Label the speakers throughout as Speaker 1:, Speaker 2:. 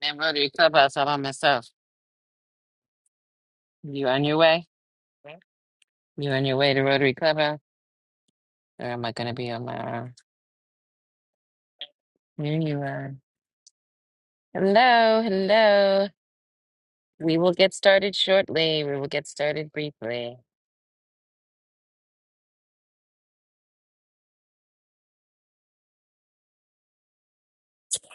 Speaker 1: Man, Rotary Clubhouse all by myself. You on your way? You on your way to Rotary Clubhouse? Or am I going to be on my own? Here you are. Hello, hello. We will get started shortly. We will get started briefly.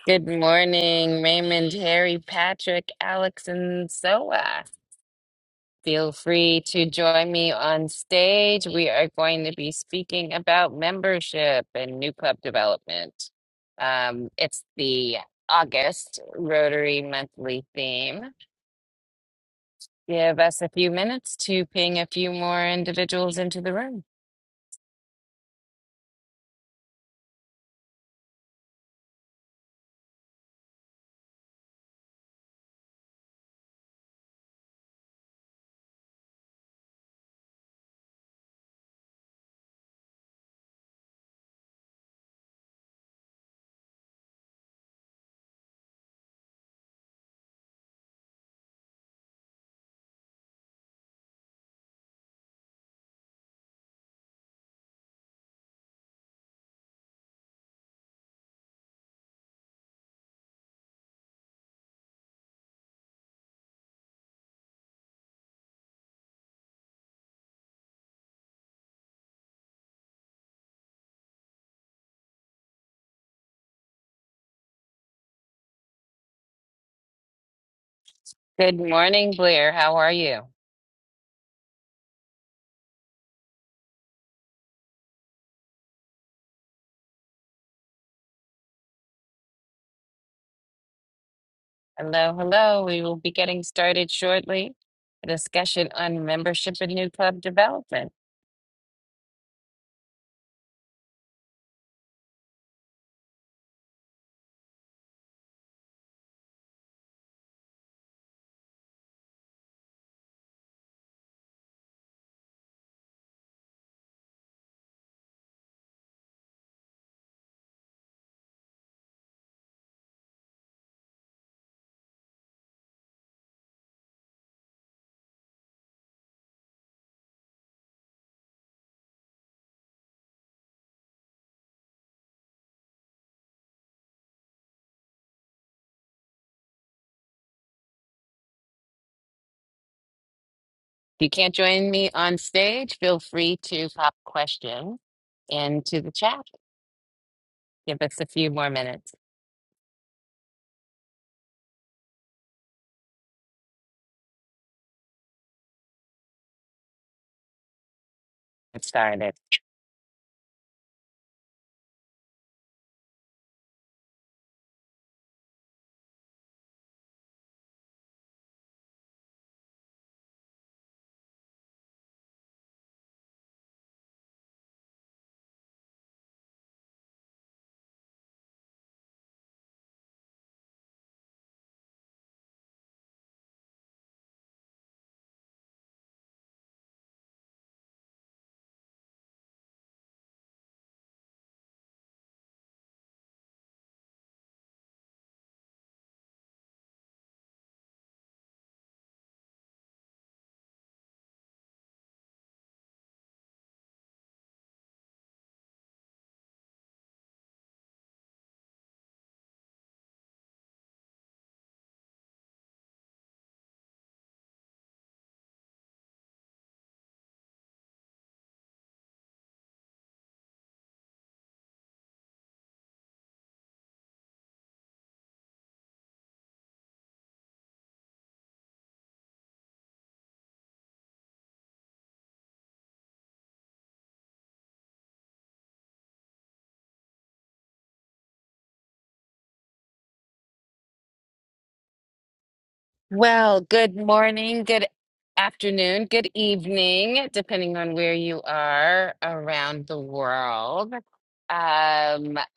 Speaker 1: Good morning, Raymond, Harry, Patrick, Alex, and Soa. Feel free to join me on stage. We are going to be speaking about membership and new club development. Um, it's the August Rotary monthly theme. Give us a few minutes to ping a few more individuals into the room. Good morning, Blair. How are you? Hello, hello. We will be getting started shortly. A discussion on membership and new club development. If you can't join me on stage, feel free to pop questions into the chat. Give us a few more minutes. to Get started. Well, good morning, good afternoon, good evening, depending on where you are around the world. Um,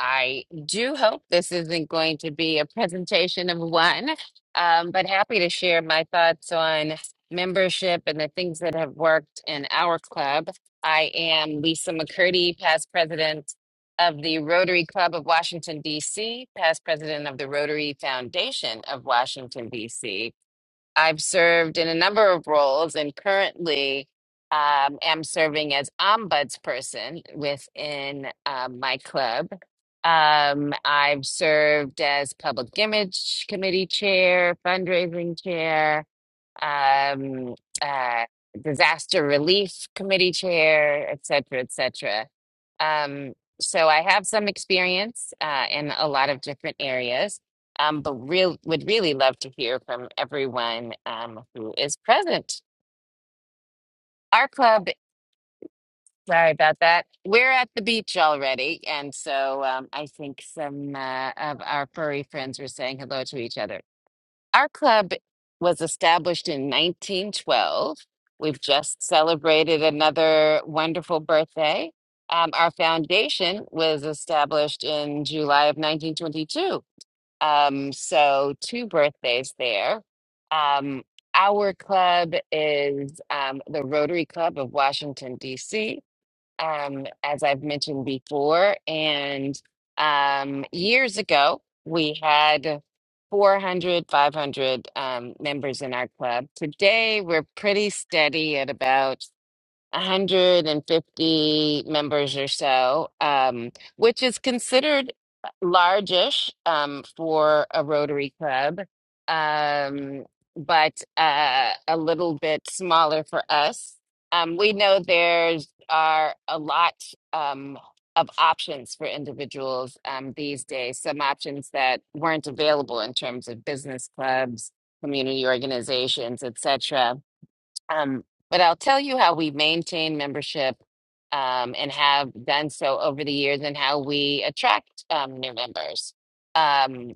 Speaker 1: I do hope this isn't going to be a presentation of one, um, but happy to share my thoughts on membership and the things that have worked in our club. I am Lisa McCurdy, past president of the Rotary Club of Washington, D.C., past president of the Rotary Foundation of Washington, D.C I've served in a number of roles and currently um, am serving as ombudsperson within uh, my club. Um, I've served as public image committee chair, fundraising chair, um, uh, disaster relief committee chair, et cetera, et cetera. Um, so I have some experience uh, in a lot of different areas, um, but real would really love to hear from everyone um, who is present. Our club, sorry about that. We're at the beach already, and so um, I think some uh, of our furry friends were saying hello to each other. Our club was established in 1912. We've just celebrated another wonderful birthday. Um, our foundation was established in July of 1922. Um, so, two birthdays there. Um, our club is um, the Rotary Club of Washington, D.C um, as I've mentioned before. And um, years ago, we had 400, 500 um, members in our club. Today, we're pretty steady at about 150 members or so, um, which is considered largish um, for a Rotary Club, um, but uh, a little bit smaller for us. Um, we know there's are a lot um, of options for individuals um, these days, some options that weren't available in terms of business clubs, community organizations, etc um, but I'll tell you how we maintain membership um, and have done so over the years and how we attract um, new members. Um,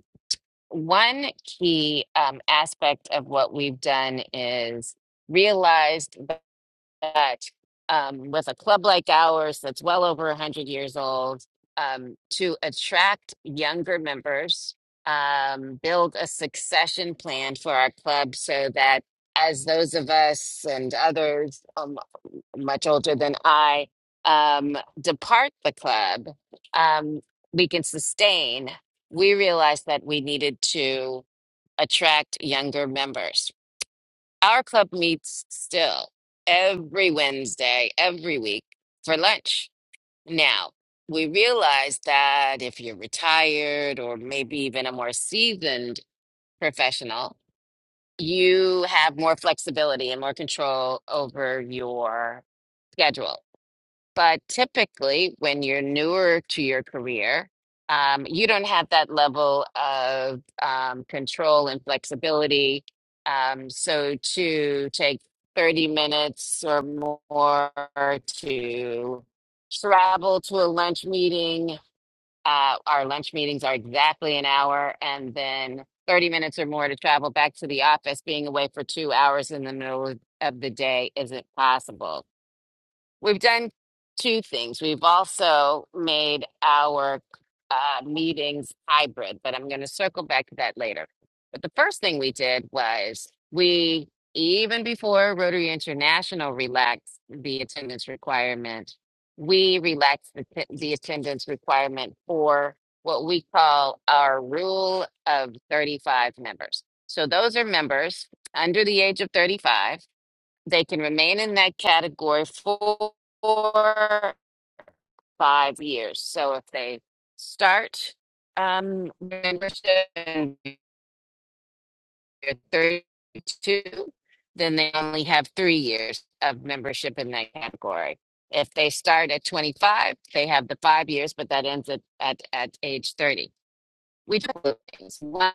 Speaker 1: one key um, aspect of what we've done is realized that um, with a club like ours that's well over 100 years old, um, to attract younger members, um, build a succession plan for our club so that as those of us and others um, much older than I um, depart the club, um, we can sustain. We realized that we needed to attract younger members our club meets still every Wednesday, every week for lunch. Now, we realize that if you're retired or maybe even a more seasoned professional, you have more flexibility and more control over your schedule. But typically, when you're newer to your career, um, you don't have that level of um, control and flexibility. Um, so to take 30 minutes or more to travel to a lunch meeting, uh, our lunch meetings are exactly an hour, and then 30 minutes or more to travel back to the office, being away for two hours in the middle of of the day isn't possible. We've done two things. We've also made our uh, meetings hybrid, but I'm going to circle back to that later. But the first thing we did was we, even before Rotary International relaxed the attendance requirement, we relaxed the, t- the attendance requirement for what we call our rule of 35 members. So those are members under the age of 35 they can remain in that category for five years. So if they start um, membership in year 32, then they only have three years of membership in that category. If they start at 25, they have the five years, but that ends at, at, at age 30. We do two things. One,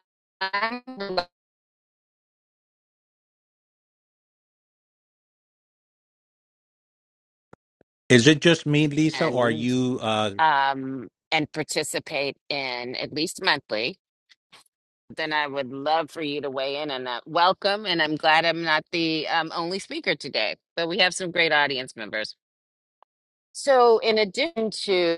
Speaker 2: Is it just me, Lisa, or are
Speaker 1: and,
Speaker 2: you? Uh,
Speaker 1: um, and participate in at least monthly then I would love for you to weigh in on that. Welcome, and I'm glad I'm not the um, only speaker today, but we have some great audience members. So, in addition to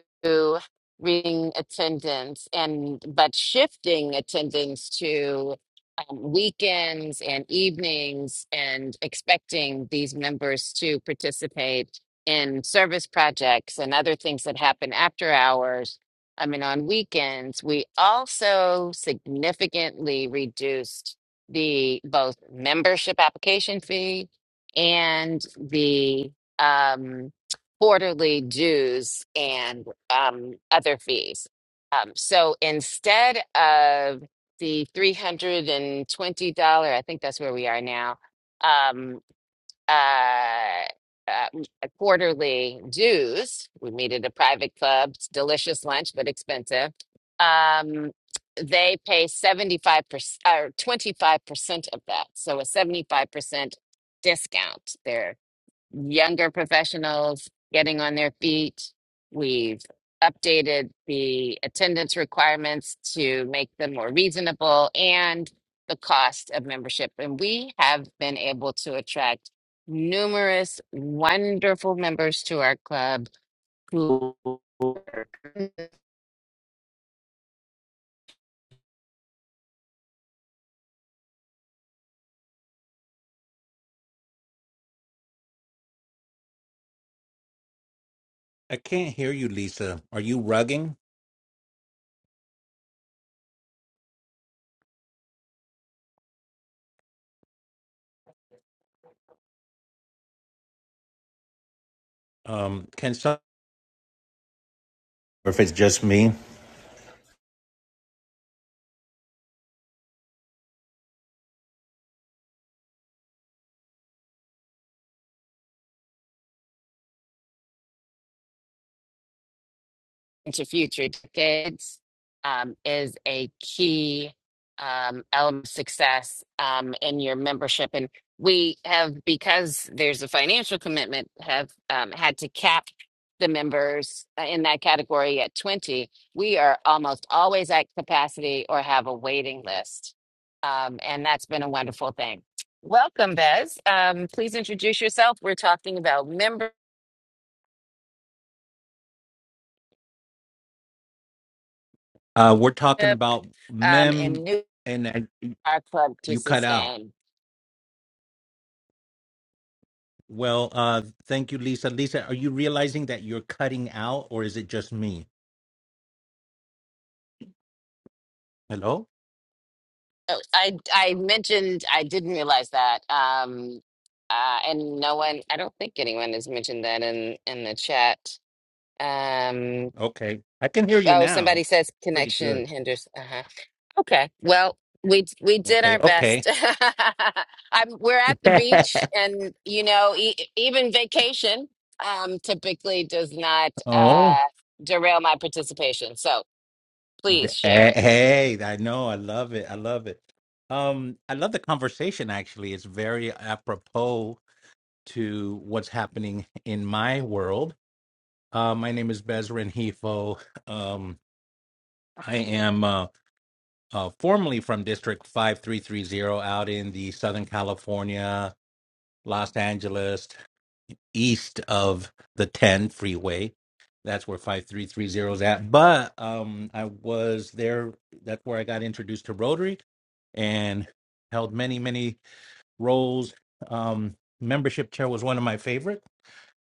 Speaker 1: reading attendance and but shifting attendance to um, weekends and evenings, and expecting these members to participate in service projects and other things that happen after hours. I mean, on weekends, we also significantly reduced the both membership application fee and the um, quarterly dues and um, other fees. Um, so instead of the $320, I think that's where we are now, um, uh, uh, quarterly dues, we meet at a private club, it's delicious lunch, but expensive. Um, they pay 75% or 25% of that. So a 75% discount there younger professionals getting on their feet. We've updated the attendance requirements to make them more reasonable and the cost of membership. And we have been able to attract numerous wonderful members to our club who
Speaker 2: I can't hear you, Lisa. Are you rugging? Um, can some? Or if it's just me.
Speaker 1: into future decades um, is a key um, element of success um, in your membership. And we have, because there's a financial commitment, have um, had to cap the members uh, in that category at 20. We are almost always at capacity or have a waiting list. Um, and that's been a wonderful thing. Welcome, Bez. Um, please introduce yourself. We're talking about membership
Speaker 2: Uh, we're talking about
Speaker 1: um, and
Speaker 2: mem,
Speaker 1: new
Speaker 2: and I,
Speaker 1: our club to
Speaker 2: you cut out.
Speaker 1: sustain.
Speaker 2: Well, uh, thank you, Lisa. Lisa, are you realizing that you're cutting out, or is it just me? Hello.
Speaker 1: Oh, I I mentioned I didn't realize that. Um, uh, and no one, I don't think anyone has mentioned that in in the chat. Um,
Speaker 2: Okay, I can hear you
Speaker 1: oh, somebody
Speaker 2: now.
Speaker 1: says
Speaker 2: Pretty good.
Speaker 1: connection hinders. Uh-huh. Okay. Well, we we did
Speaker 2: Okay.
Speaker 1: our
Speaker 2: Okay.
Speaker 1: best. I'm we're at the beach, and you know, e e, even vacation um typically does not
Speaker 2: oh.
Speaker 1: uh derail my participation. So please
Speaker 2: Th-
Speaker 1: share.
Speaker 2: Hey, hey, I know, I love it. I love it. Um, I love the conversation actually. It's very apropos to what's happening in my world. Uh, my name is Bez Renhifo. Um, I am uh, uh, formerly from District 5330 out in the Southern California, Los Angeles. east of the 10 freeway. That's where 5330 is at. But um, I was there. That's where I got introduced to Rotary and held many, many roles. Um, membership chair was one of my favorite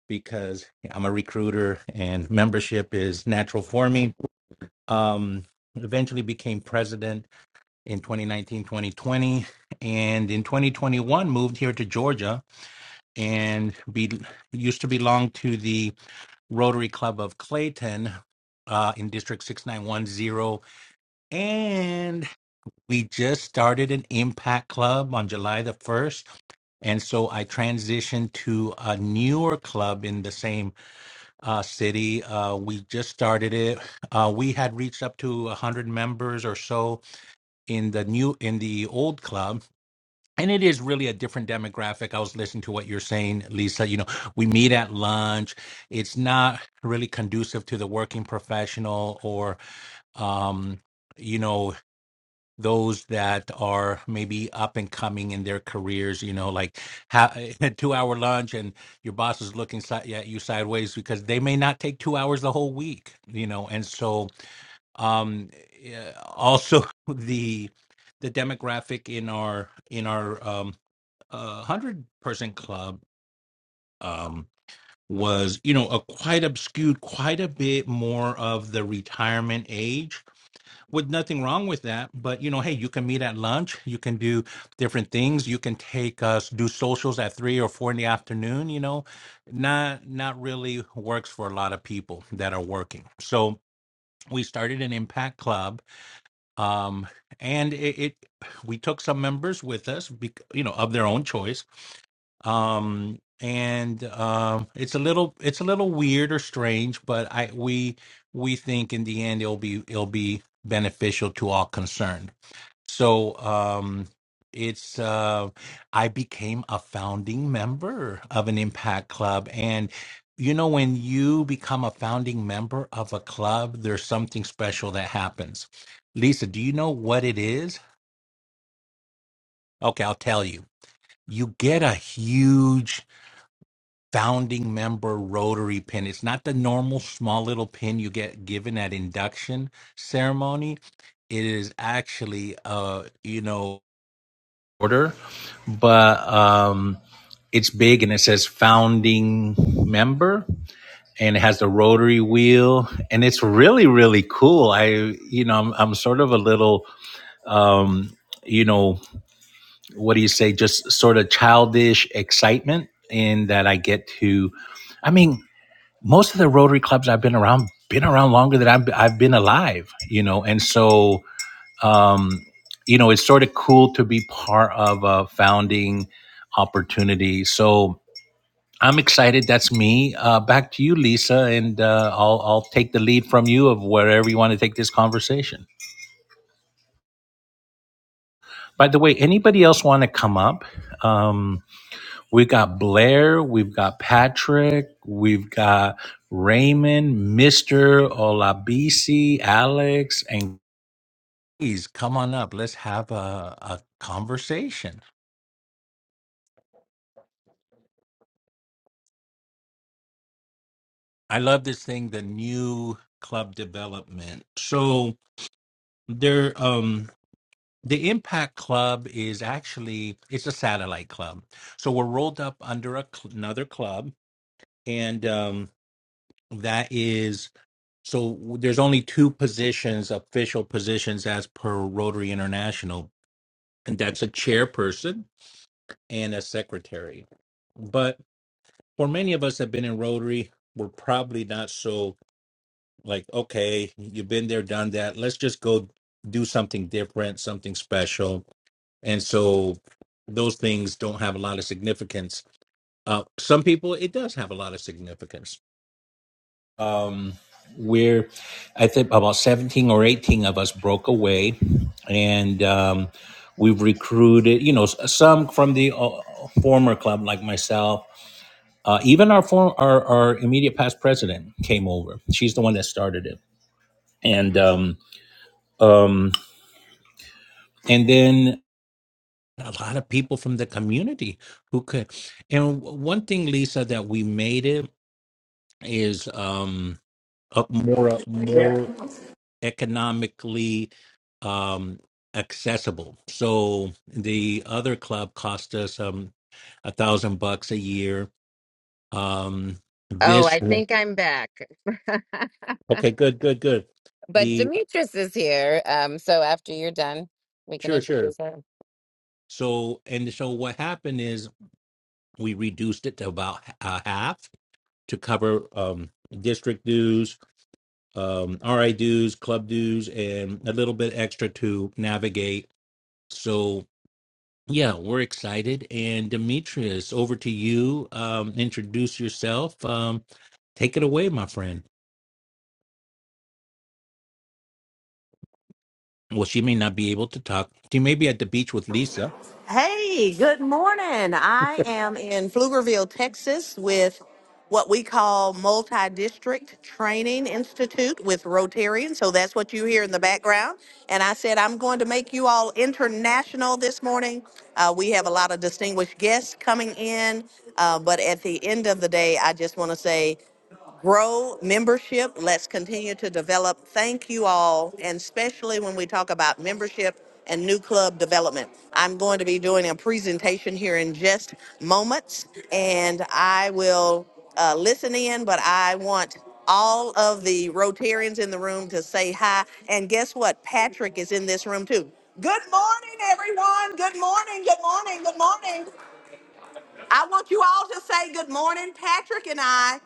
Speaker 2: because yeah, I'm a recruiter and membership is natural for me. Um, eventually became president in 2019, 2020. And in 2021, moved here to Georgia and be, used to belong to the Rotary Club of Clayton uh, in District 6910. And we just started an impact club on July the 1st. And so I transitioned to a newer club in the same uh, city. Uh, we just started it. Uh, we had reached up to 100 members or so in the new in the old club and it is really a different demographic. I was listening to what you're saying, Lisa. You know, we meet at lunch. It's not really conducive to the working professional or, um, you know, those that are maybe up and coming in their careers. You know, like ha- a two hour lunch and your boss is looking si- at you sideways because they may not take two hours the whole week. You know, and so um, yeah, also the the demographic in our in our um, uh, hundred person club um, was you know a quite obscured quite a bit more of the retirement age with nothing wrong with that but you know hey you can meet at lunch you can do different things you can take us do socials at three or four in the afternoon you know not not really works for a lot of people that are working so we started an impact club um and it, it we took some members with us bec- you know of their own choice um and um it's a little it's a little weird or strange but i we we think in the end it'll be it'll be beneficial to all concerned so um it's uh i became a founding member of an impact club and you know when you become a founding member of a club there's something special that happens lisa do you know what it is okay i'll tell you you get a huge founding member rotary pin. It's not the normal small little pin you get given at induction ceremony. It is actually uh you know order, but um it's big and it says founding member and it has the rotary wheel and it's really really cool. I you know I'm, I'm sort of a little um you know what do you say just sort of childish excitement in that I get to I mean most of the Rotary clubs I've been around been around longer than I've I've been alive, you know, and so um, you know it's sort of cool to be part of a founding opportunity. So I'm excited. That's me. Uh, back to you, Lisa, and uh, I'll I'll take the lead from you of wherever you want to take this conversation. By the way, anybody else want to come up? Um, We've got Blair, we've got Patrick, we've got Raymond, Mr. Olabisi, Alex, and please come on up. Let's have a, a conversation. I love this thing, the new club development. So there um the Impact Club is actually it's a satellite club. So we're rolled up under a cl- another club and um that is So there's only two positions, official positions, as per Rotary International, and that's a chairperson and a secretary. But for many of us that have been in Rotary, we're probably not so like, okay, you've been there, done that. Let's just go do something different, something special. And so those things don't have a lot of significance. Uh, some people, it does have a lot of significance um, we're i think about 17 or 18 of us broke away and um, we've recruited you know some from the uh, former club like myself uh, even our, form, our our immediate past president came over she's the one that started it and um, um, and then a lot of people from the community who could and one thing lisa that we made it is um, up more up
Speaker 3: Yeah.
Speaker 2: more economically um, accessible. So the other club cost us um, a thousand bucks a year. Um,
Speaker 1: Oh,
Speaker 2: this
Speaker 1: I think I'm back.
Speaker 2: okay, good, good, good.
Speaker 1: But
Speaker 2: The
Speaker 1: Demetrius is here. Um, so after you're done, we can
Speaker 2: sure, sure.
Speaker 1: introduce her.
Speaker 2: So and so, what happened is we reduced it to about uh, half to cover um, district dues, um, RI dues, club dues, and a little bit extra to navigate. So. Yeah, we're excited. And Demetrius, over to you. Um, introduce yourself. Um, take it away, my friend. Well, she may not be able to talk. She may be at the beach with Lisa.
Speaker 3: Hey, good morning. I am in Pflugerville, Texas with what we call Multi District Training Institute with Rotarian. So that's what you hear in the background. And I said, I'm going to make you all international this morning. Uh, we have a lot of distinguished guests coming in. Uh, but at the end of the day, I just want to say, grow membership. Let's continue to develop. Thank you all, and especially when we talk about membership and new club development. I'm going to be doing a presentation here in just moments, and I will uh, listen in, but I want all of the Rotarians in the room to say hi. And guess what? Patrick is in this room too. Good morning, everyone. Good morning. Good morning. Good morning. I want you all to say good morning. Patrick and I,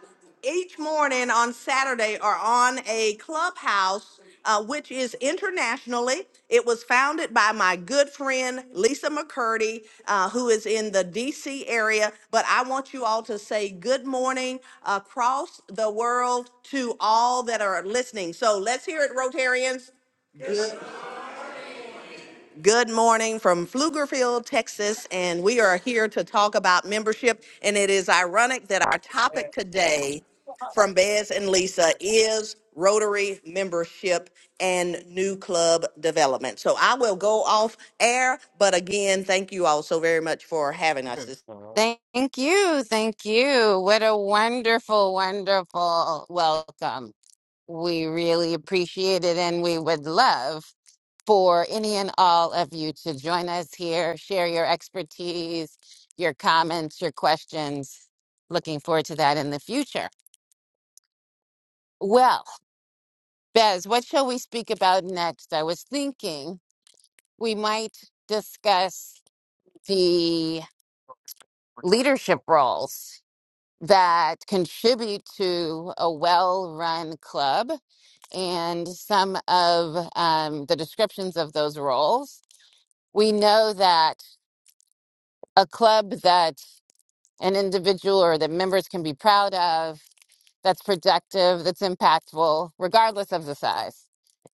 Speaker 3: each morning on Saturday, are on a clubhouse, uh, which is internationally. It was founded by my good friend, Lisa McCurdy, uh, who is in the DC area. But I want you all to say good morning across the world to all that are listening. So let's hear it, Rotarians. Good morning from Pflugerville, Texas, and we are here to talk about membership. And it is ironic that our topic today from Bez and Lisa is Rotary membership and new club development. So I will go off air, but again, thank you all so very much for having us. this
Speaker 1: Thank you. Thank you. What a wonderful, wonderful welcome. We really appreciate it and we would love for any and all of you to join us here, share your expertise, your comments, your questions. Looking forward to that in the future. Well, Bez, what shall we speak about next? I was thinking we might discuss the leadership roles that contribute to a well run club and some of um, the descriptions of those roles. We know that a club that an individual or the members can be proud of, that's productive, that's impactful, regardless of the size,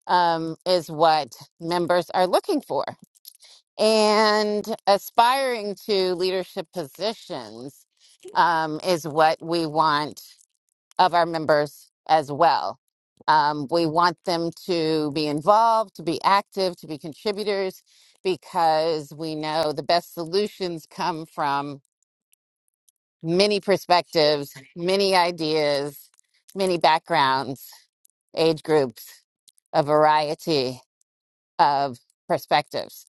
Speaker 1: um, is what members are looking for. and aspiring to leadership positions um, is what we want of our members as well. Um, we want them to be involved, to be active, to be contributors, because we know the best solutions come from many perspectives, many ideas, many backgrounds, age groups, a variety of perspectives.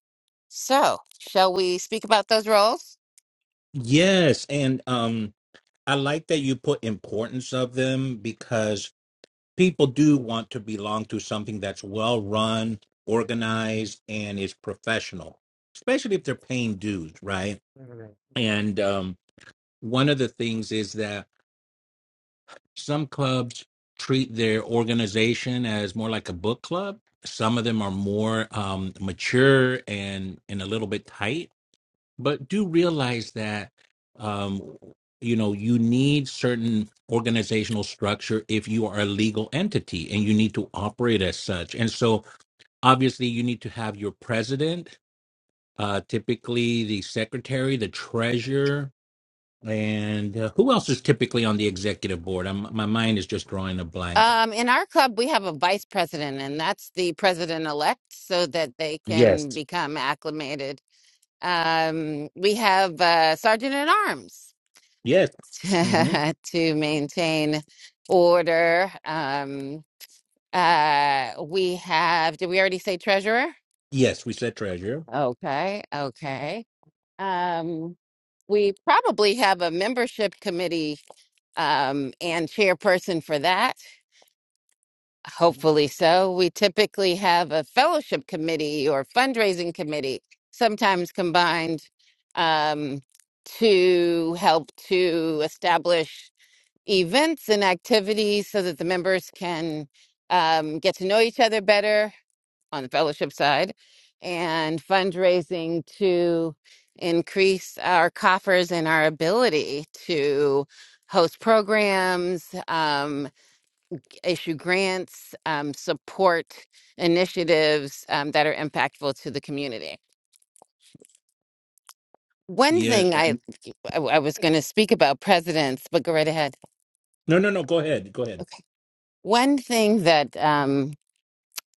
Speaker 1: So, shall we speak about those roles?
Speaker 2: Yes, and um, I like that you put importance of them because people do want to belong to something that's well run, organized, and is professional, especially if they're paying dues, right? And um, one of the things is that some clubs treat their organization as more like a book club. Some of them are more um, mature and and a little bit tight but do realize that um, you know you need certain organizational structure if you are a legal entity and you need to operate as such and so obviously you need to have your president uh, typically the secretary the treasurer and uh, who else is typically on the executive board I'm, my mind is just drawing a blank
Speaker 1: Um, in our club, we have a vice president, and that's the president elect, so that they
Speaker 2: yes
Speaker 1: can become acclimated. Um, we have uh, sergeant at arms
Speaker 2: yes hmm
Speaker 1: to maintain order. Um, uh, we have. Did we already say treasurer?
Speaker 2: yes we said treasurer
Speaker 1: Okay, okay. Um, we probably have a membership committee um, and chairperson for that. Hopefully so. We typically have a fellowship committee or fundraising committee, sometimes combined, um, to help to establish events and activities so that the members can um, get to know each other better on the fellowship side and fundraising to increase our coffers and our ability to host programs. Um, issue grants, um, support initiatives um, that are impactful to the community. One
Speaker 2: yeah
Speaker 1: thing I I, I was going to speak about presidents, but go right ahead.
Speaker 2: no no no go ahead go ahead
Speaker 1: One thing that um,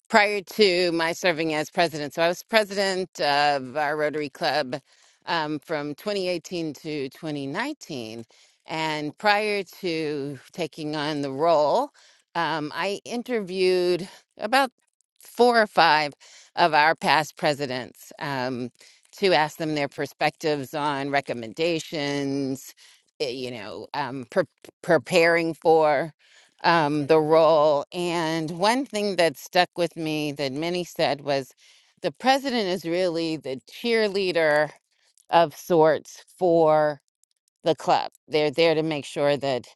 Speaker 1: prior to my serving as president. So I was president of our Rotary Club um, from 2018 to 2019. And prior to taking on the role, um, I interviewed about four or five of our past presidents um, to ask them their perspectives on recommendations, eh, you know, um, pre- preparing for um, the role. And one thing that stuck with me that Minnie said was the president is really the cheerleader of sorts for the club. They're there to make sure that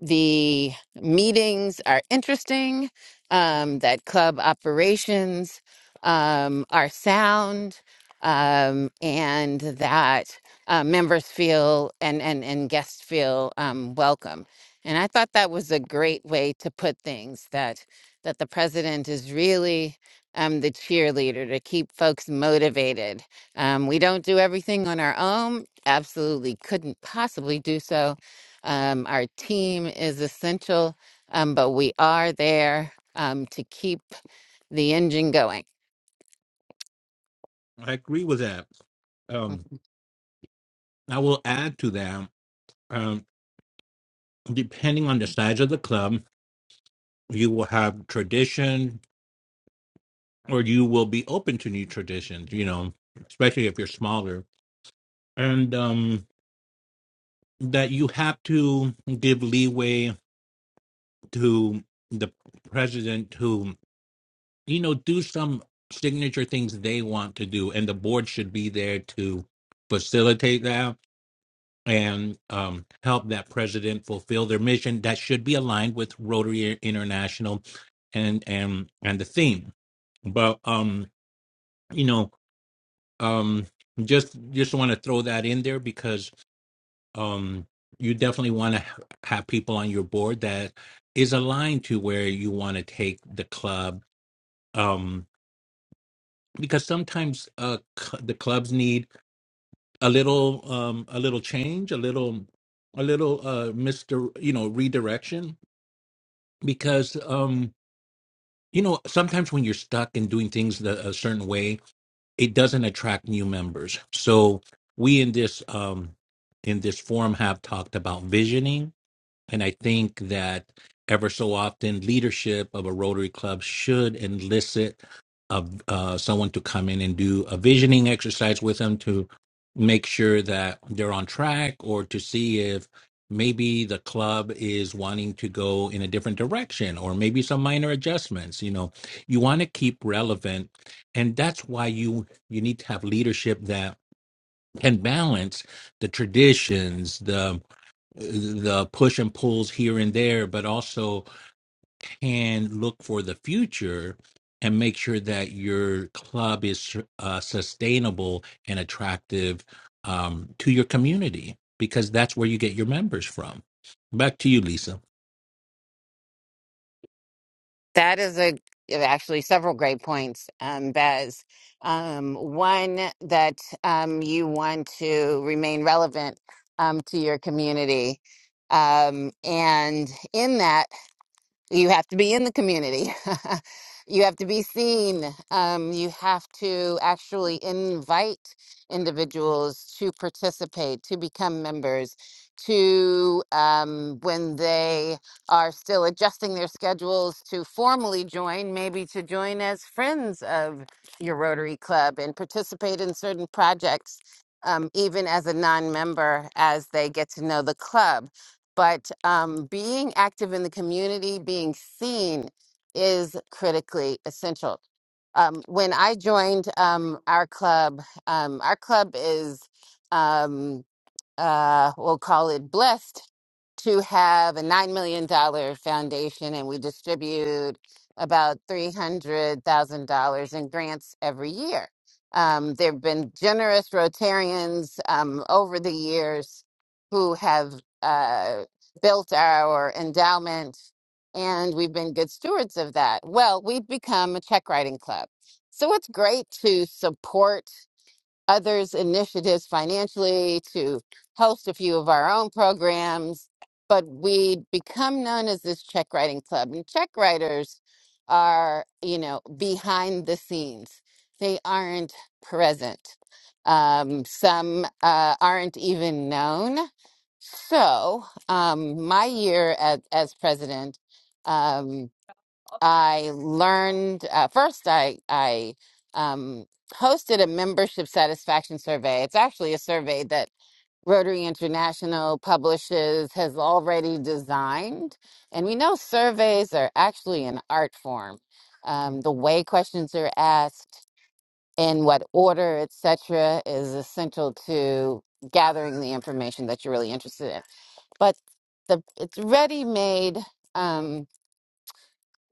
Speaker 1: the meetings are interesting, um, that club operations um, are sound, um, and that uh, members feel and, and, and guests feel um, welcome. And I thought that was a great way to put things that that the president is really um, the cheerleader to keep folks motivated. Um, we don't do everything on our own absolutely couldn't possibly do so. Um, our team is essential, um, but we are there um, to keep the engine going.
Speaker 2: i agree with that um
Speaker 1: Mhm.
Speaker 2: I will add to that, um, depending on the size of the club, you will have tradition or you will be open to new traditions, you know, especially if you're smaller. And um, that you have to give leeway to the president to, you know, do some signature things they want to do. And the board should be there to facilitate that and um, help that president fulfill their mission that should be aligned with Rotary International and and and the theme. But um, you know, um, just just want to throw that in there because um, you definitely want to have people on your board that is aligned to where you want to take the club. Um, because sometimes uh, c- the clubs need a little um, a little change, a little a little uh, Mister, you know, redirection because um you know sometimes when you're stuck in doing things the, a certain way it doesn't attract new members so we in this um in this forum have talked about visioning and I think that ever so often, leadership of a Rotary Club should elicit of uh, someone to come in and do a visioning exercise with them to make sure that they're on track or to see if maybe the club is wanting to go in a different direction or maybe some minor adjustments you know you want to keep relevant and that's why you you need to have leadership that can balance the traditions the the push and pulls here and there, but also, can look for the future and make sure that your club is uh, sustainable and attractive um, to your community because that's where you get your members from. Back to you, Lisa.
Speaker 1: That is a yeah, actually several great points, um, Bez. Um, one that um, you want to remain relevant um, to your community, um, and in that. You have to be in the community. you have to be seen. Um, you have to actually invite individuals to participate, to become members, to um, when they are still adjusting their schedules to formally join, maybe to join as friends of your Rotary Club and participate in certain projects. Um, even as a non member, as they get to know the club but um, being active in the community, being seen is critically essential. Um, when I joined um, our club, um, our club is, um, uh, we'll call it blessed to have a $9 million dollar foundation and we distribute about $300,000 in grants every year. Um, there have been generous Rotarians um, over the years who have uh, built our endowment, and we've been good stewards of that. Well, we've become a check writing club. So it's great to support others' initiatives financially to host a few of our own programs, but we become known as this check writing club. And check writers are, you know, behind the scenes, they aren't present. Um, some uh, aren't even known. So, um, my year as, as president. um, I learned uh, first. I I um, hosted a membership satisfaction survey. It's actually a survey that Rotary International publishes has already designed, and we know surveys are actually an art form. Um, the way questions are asked, in what order, etc., is essential to gathering the information that you're really interested in. But the it's ready made. Um,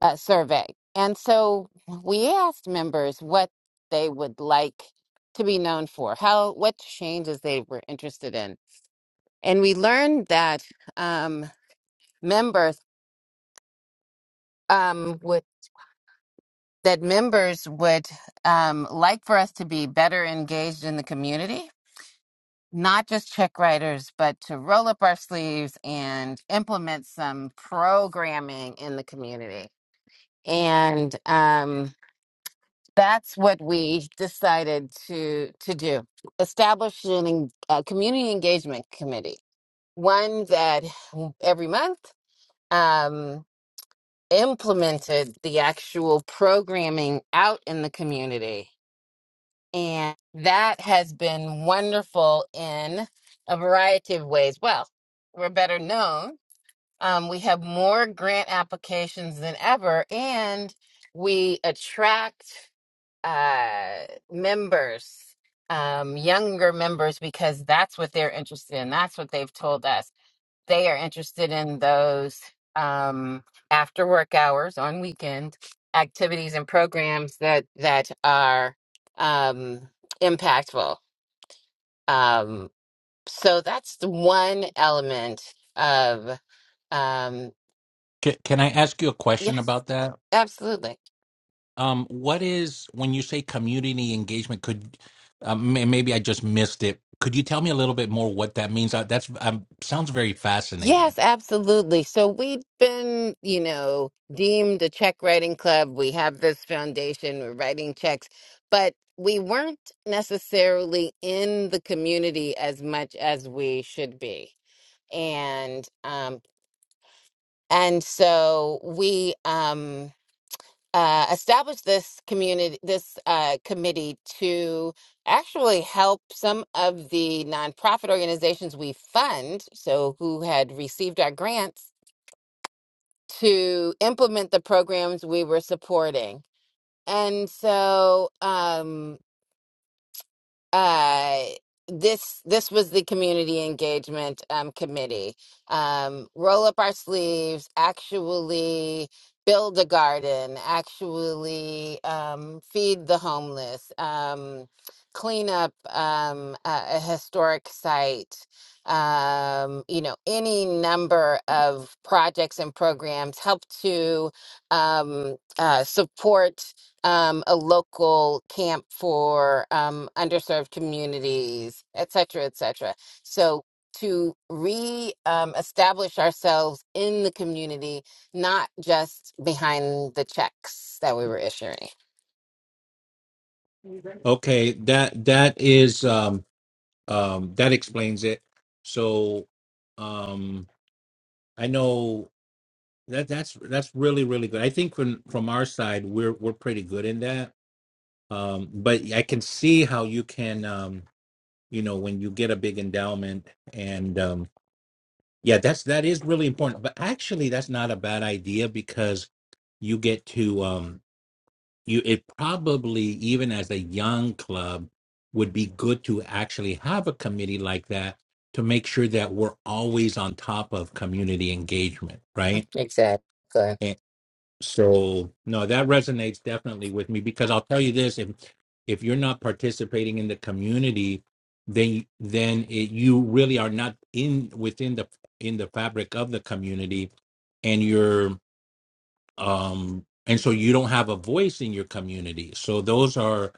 Speaker 1: uh, survey. And so we asked members what they would like to be known for, how what changes they were interested in, and we learned that um, members um, would that members would um, like for us to be better engaged in the community, not just check writers, but to roll up our sleeves and implement some programming in the community. And um, that's what we decided to to do establish an en- a community engagement committee one that every month um implemented the actual programming out in the community and that has been wonderful in a variety of ways well we're better known um, we have more grant applications than ever and we attract uh members um younger members because that's what they're interested in that's what they've told us they are interested in those um after work hours on weekend activities and programs that that are um impactful um so that's the one element of um
Speaker 2: Can, can I ask you a question
Speaker 1: yes
Speaker 2: about that?
Speaker 1: absolutely
Speaker 2: Um, what is when you say community engagement? Could um, may- maybe I just missed it. Could you tell me a little bit more what that means? Uh, that's um, sounds very fascinating.
Speaker 1: Yes, absolutely. So we've been, you know, deemed a check writing club. We have this foundation, we're writing checks, but we weren't necessarily in the community as much as we should be. And um and so we um uh established this community this uh committee to actually help some of the nonprofit organizations we fund, so who had received our grants to implement the programs we were supporting. And so, um, uh this this was the community engagement um committee um roll up our sleeves actually build a garden actually um feed the homeless um clean up um a, a historic site um you know any number of projects and programs help to um uh, support um, a local camp for um, underserved communities, et cetera, et cetera. So to re um, establish ourselves in the community, not just behind the checks that we were issuing.
Speaker 2: Okay, that that is um, um, that explains it. So um, I know. That that's that's really really good. I think from from our side, we're we're pretty good in that. Um, but I can see how you can, um, you know, when you get a big endowment, and um, yeah, that's that is really important. But actually, that's not a bad idea because you get to um, you. It probably even as a young club would be good to actually have a committee like that to make sure that we're always on top of community engagement, right?
Speaker 1: Exactly.
Speaker 2: So no, that resonates definitely with me because I'll tell you this: if if you're not participating in the community, then then it, you really are not in within the in the fabric of the community, and you're um and so you don't have a voice in your community. So those are,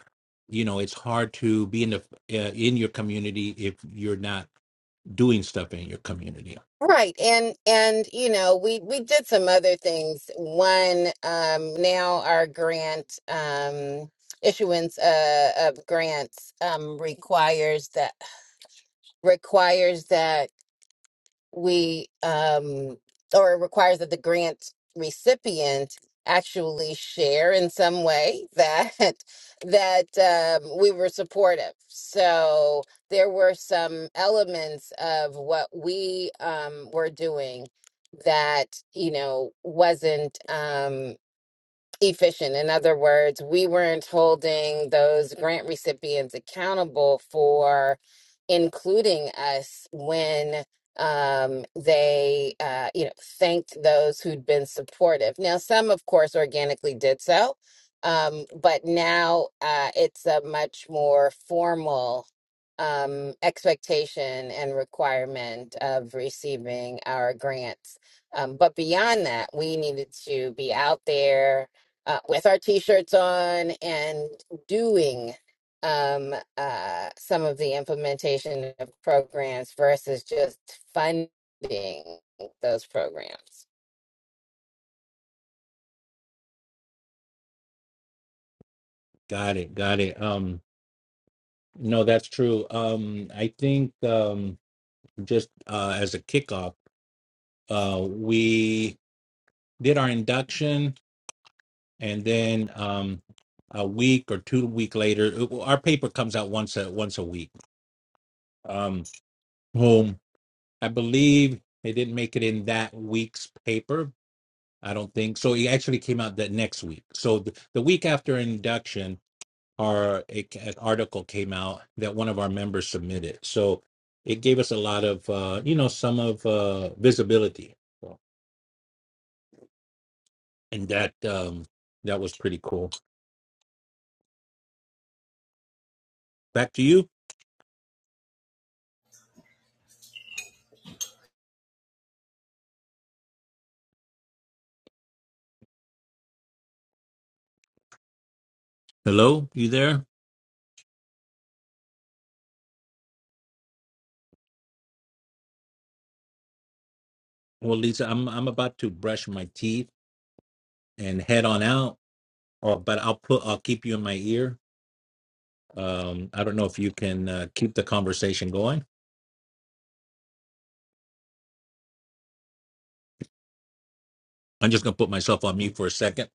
Speaker 2: you know, it's hard to be in the uh, in your community if you're not doing stuff in your community.
Speaker 1: Right. And and you know, we we did some other things. One, um now our grant um issuance uh, of grants um requires that requires that we um or it requires that the grant recipient actually share in some way that that um, we were supportive so there were some elements of what we um, were doing that you know wasn't um, efficient. In other words, we weren't holding those grant recipients accountable for including us when um, they, uh, you know, thanked those who'd been supportive. Now, some, of course, organically did so, um, but now uh, it's a much more formal um, expectation and requirement of receiving our grants. Um, but beyond that, we needed to be out there uh, with our t-shirts on and doing um, uh, some of the implementation of programs versus just funding those programs.
Speaker 2: Got it, got it. Um, no, that's true. Um, I think um just uh, as a kickoff, uh, we did our induction, and then um, a week or two week later, it- well, our paper comes out once a once a week. Um, whom I believe it didn't make it in that week's paper. I don't think so. It actually came out that next week. So the, the week after induction, our a, an article came out that one of our members submitted. So it gave us a lot of uh, you know some of uh, visibility and that um that was pretty cool. Back to you. Hello, you there? Well, Lisa, I'm I'm about to brush my teeth and head on out. Or, but I'll put I'll keep you in my ear. Um, I don't know if you can uh, keep the conversation going. I'm just gonna put myself on mute for a second.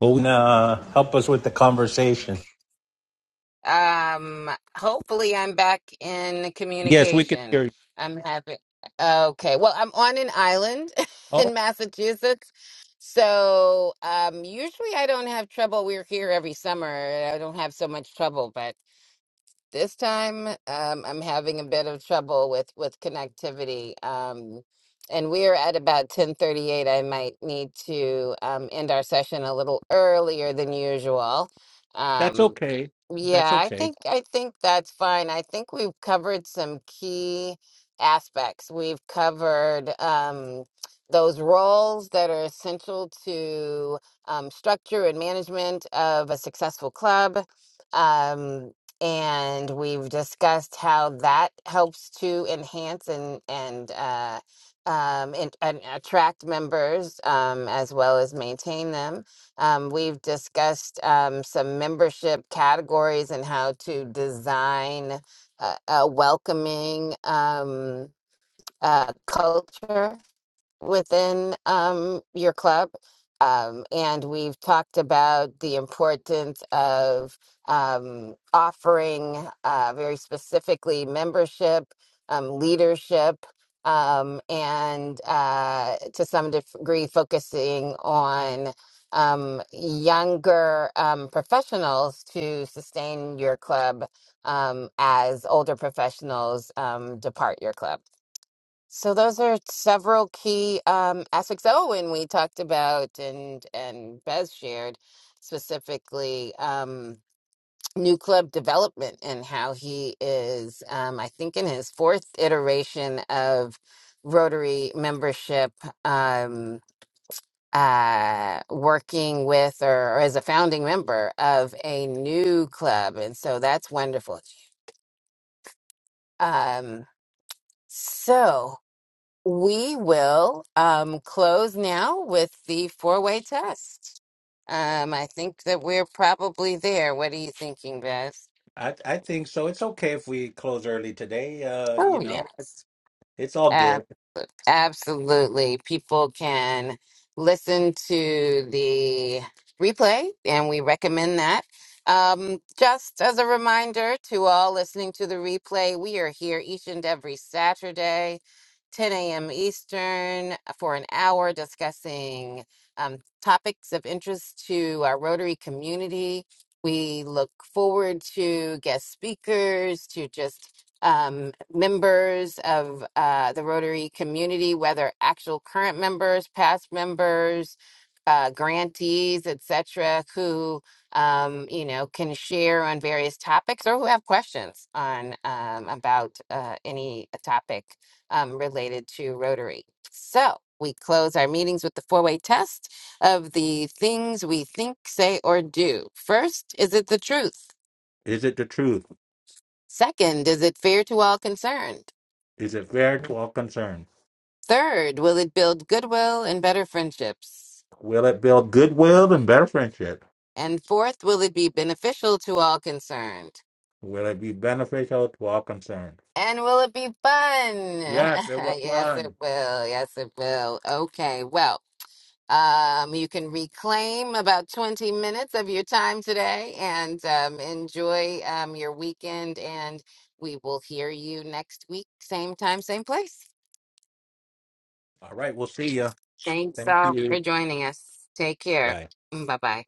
Speaker 2: Oh, And, uh, help us with the conversation.
Speaker 1: Um, hopefully, I'm back in
Speaker 2: yes, we can
Speaker 1: communication.
Speaker 2: hear you.
Speaker 1: I'm having okay. Well, I'm on an island
Speaker 2: Oh,
Speaker 1: in Massachusetts. So, um, usually I don't have trouble. We're here every summer. I don't have so much trouble, but This time, um, I'm having a bit of trouble with with connectivity, um, and we are at about 10:38. I might need to um, end our session a little earlier than usual.
Speaker 2: that's
Speaker 1: Um,
Speaker 2: okay. That's
Speaker 1: yeah, I
Speaker 2: okay.
Speaker 1: think I think that's fine. I think we've covered some key aspects. We've covered um, those roles that are essential to um, structure and management of a successful club. Um, and we've discussed how that helps to enhance and and uh, um, and, and attract members um, as well as maintain them. Um, we've discussed um, some membership categories and how to design a, a welcoming um, uh, culture within um, your club. Um, and we've talked about the importance of um, offering uh, very specifically membership, um, leadership, um, and uh, to some degree focusing on um, younger um, professionals to sustain your club um, as older professionals um, depart your club. So those are several key um, aspects. Oh, and we talked about and and Bez shared specifically um, new club development and how he is, um, I think, in his fourth iteration of Rotary membership, um, uh, working with or, or as a founding member of a new club, and so that's wonderful. Um, so. We will um, close now with the four-way test. Um, I think that we're probably there. What are you thinking, Beth?
Speaker 2: I, I think so. It's okay if we close early today. Uh,
Speaker 1: Oh,
Speaker 2: you know,
Speaker 1: yes.
Speaker 2: it's it's all
Speaker 1: Ab-
Speaker 2: good.
Speaker 1: absolutely. People can listen to the replay, and we recommend that. Um, just as a reminder to all listening to the replay, we are here each and every Saturday, 10 a.m. Eastern, uh, for an hour discussing um, topics of interest to our Rotary community. We look forward to guest speakers, to just um, members of uh, the Rotary community, whether actual current members, past members, uh, grantees, etc., who um, you know can share on various topics or who have questions on um, about uh, any topic um, related to Rotary. So. We close our meetings with the four way test of the things we think, say, or do. First, is it the truth?
Speaker 2: Is it the truth?
Speaker 1: Second, is it fair to all concerned?
Speaker 2: is a very twelve concern.
Speaker 1: Third, will it build goodwill and better friendships?
Speaker 2: Will it build goodwill and better friendship?
Speaker 1: And fourth, will it be beneficial to all concerned?
Speaker 2: Will it be beneficial to all concerned?
Speaker 1: And will it be fun?
Speaker 2: Yes, it was
Speaker 1: yes, it
Speaker 2: fun.
Speaker 1: will. Yes, it will. Okay, well, um, you can reclaim about 20 minutes of your time today and um, enjoy um, your weekend. And we will hear you next week, same time, same place.
Speaker 2: All right, we'll see you.
Speaker 1: Thanks
Speaker 2: Thank
Speaker 1: all for
Speaker 2: you.
Speaker 1: joining us. Take care.
Speaker 2: Bye.
Speaker 1: Bye bye.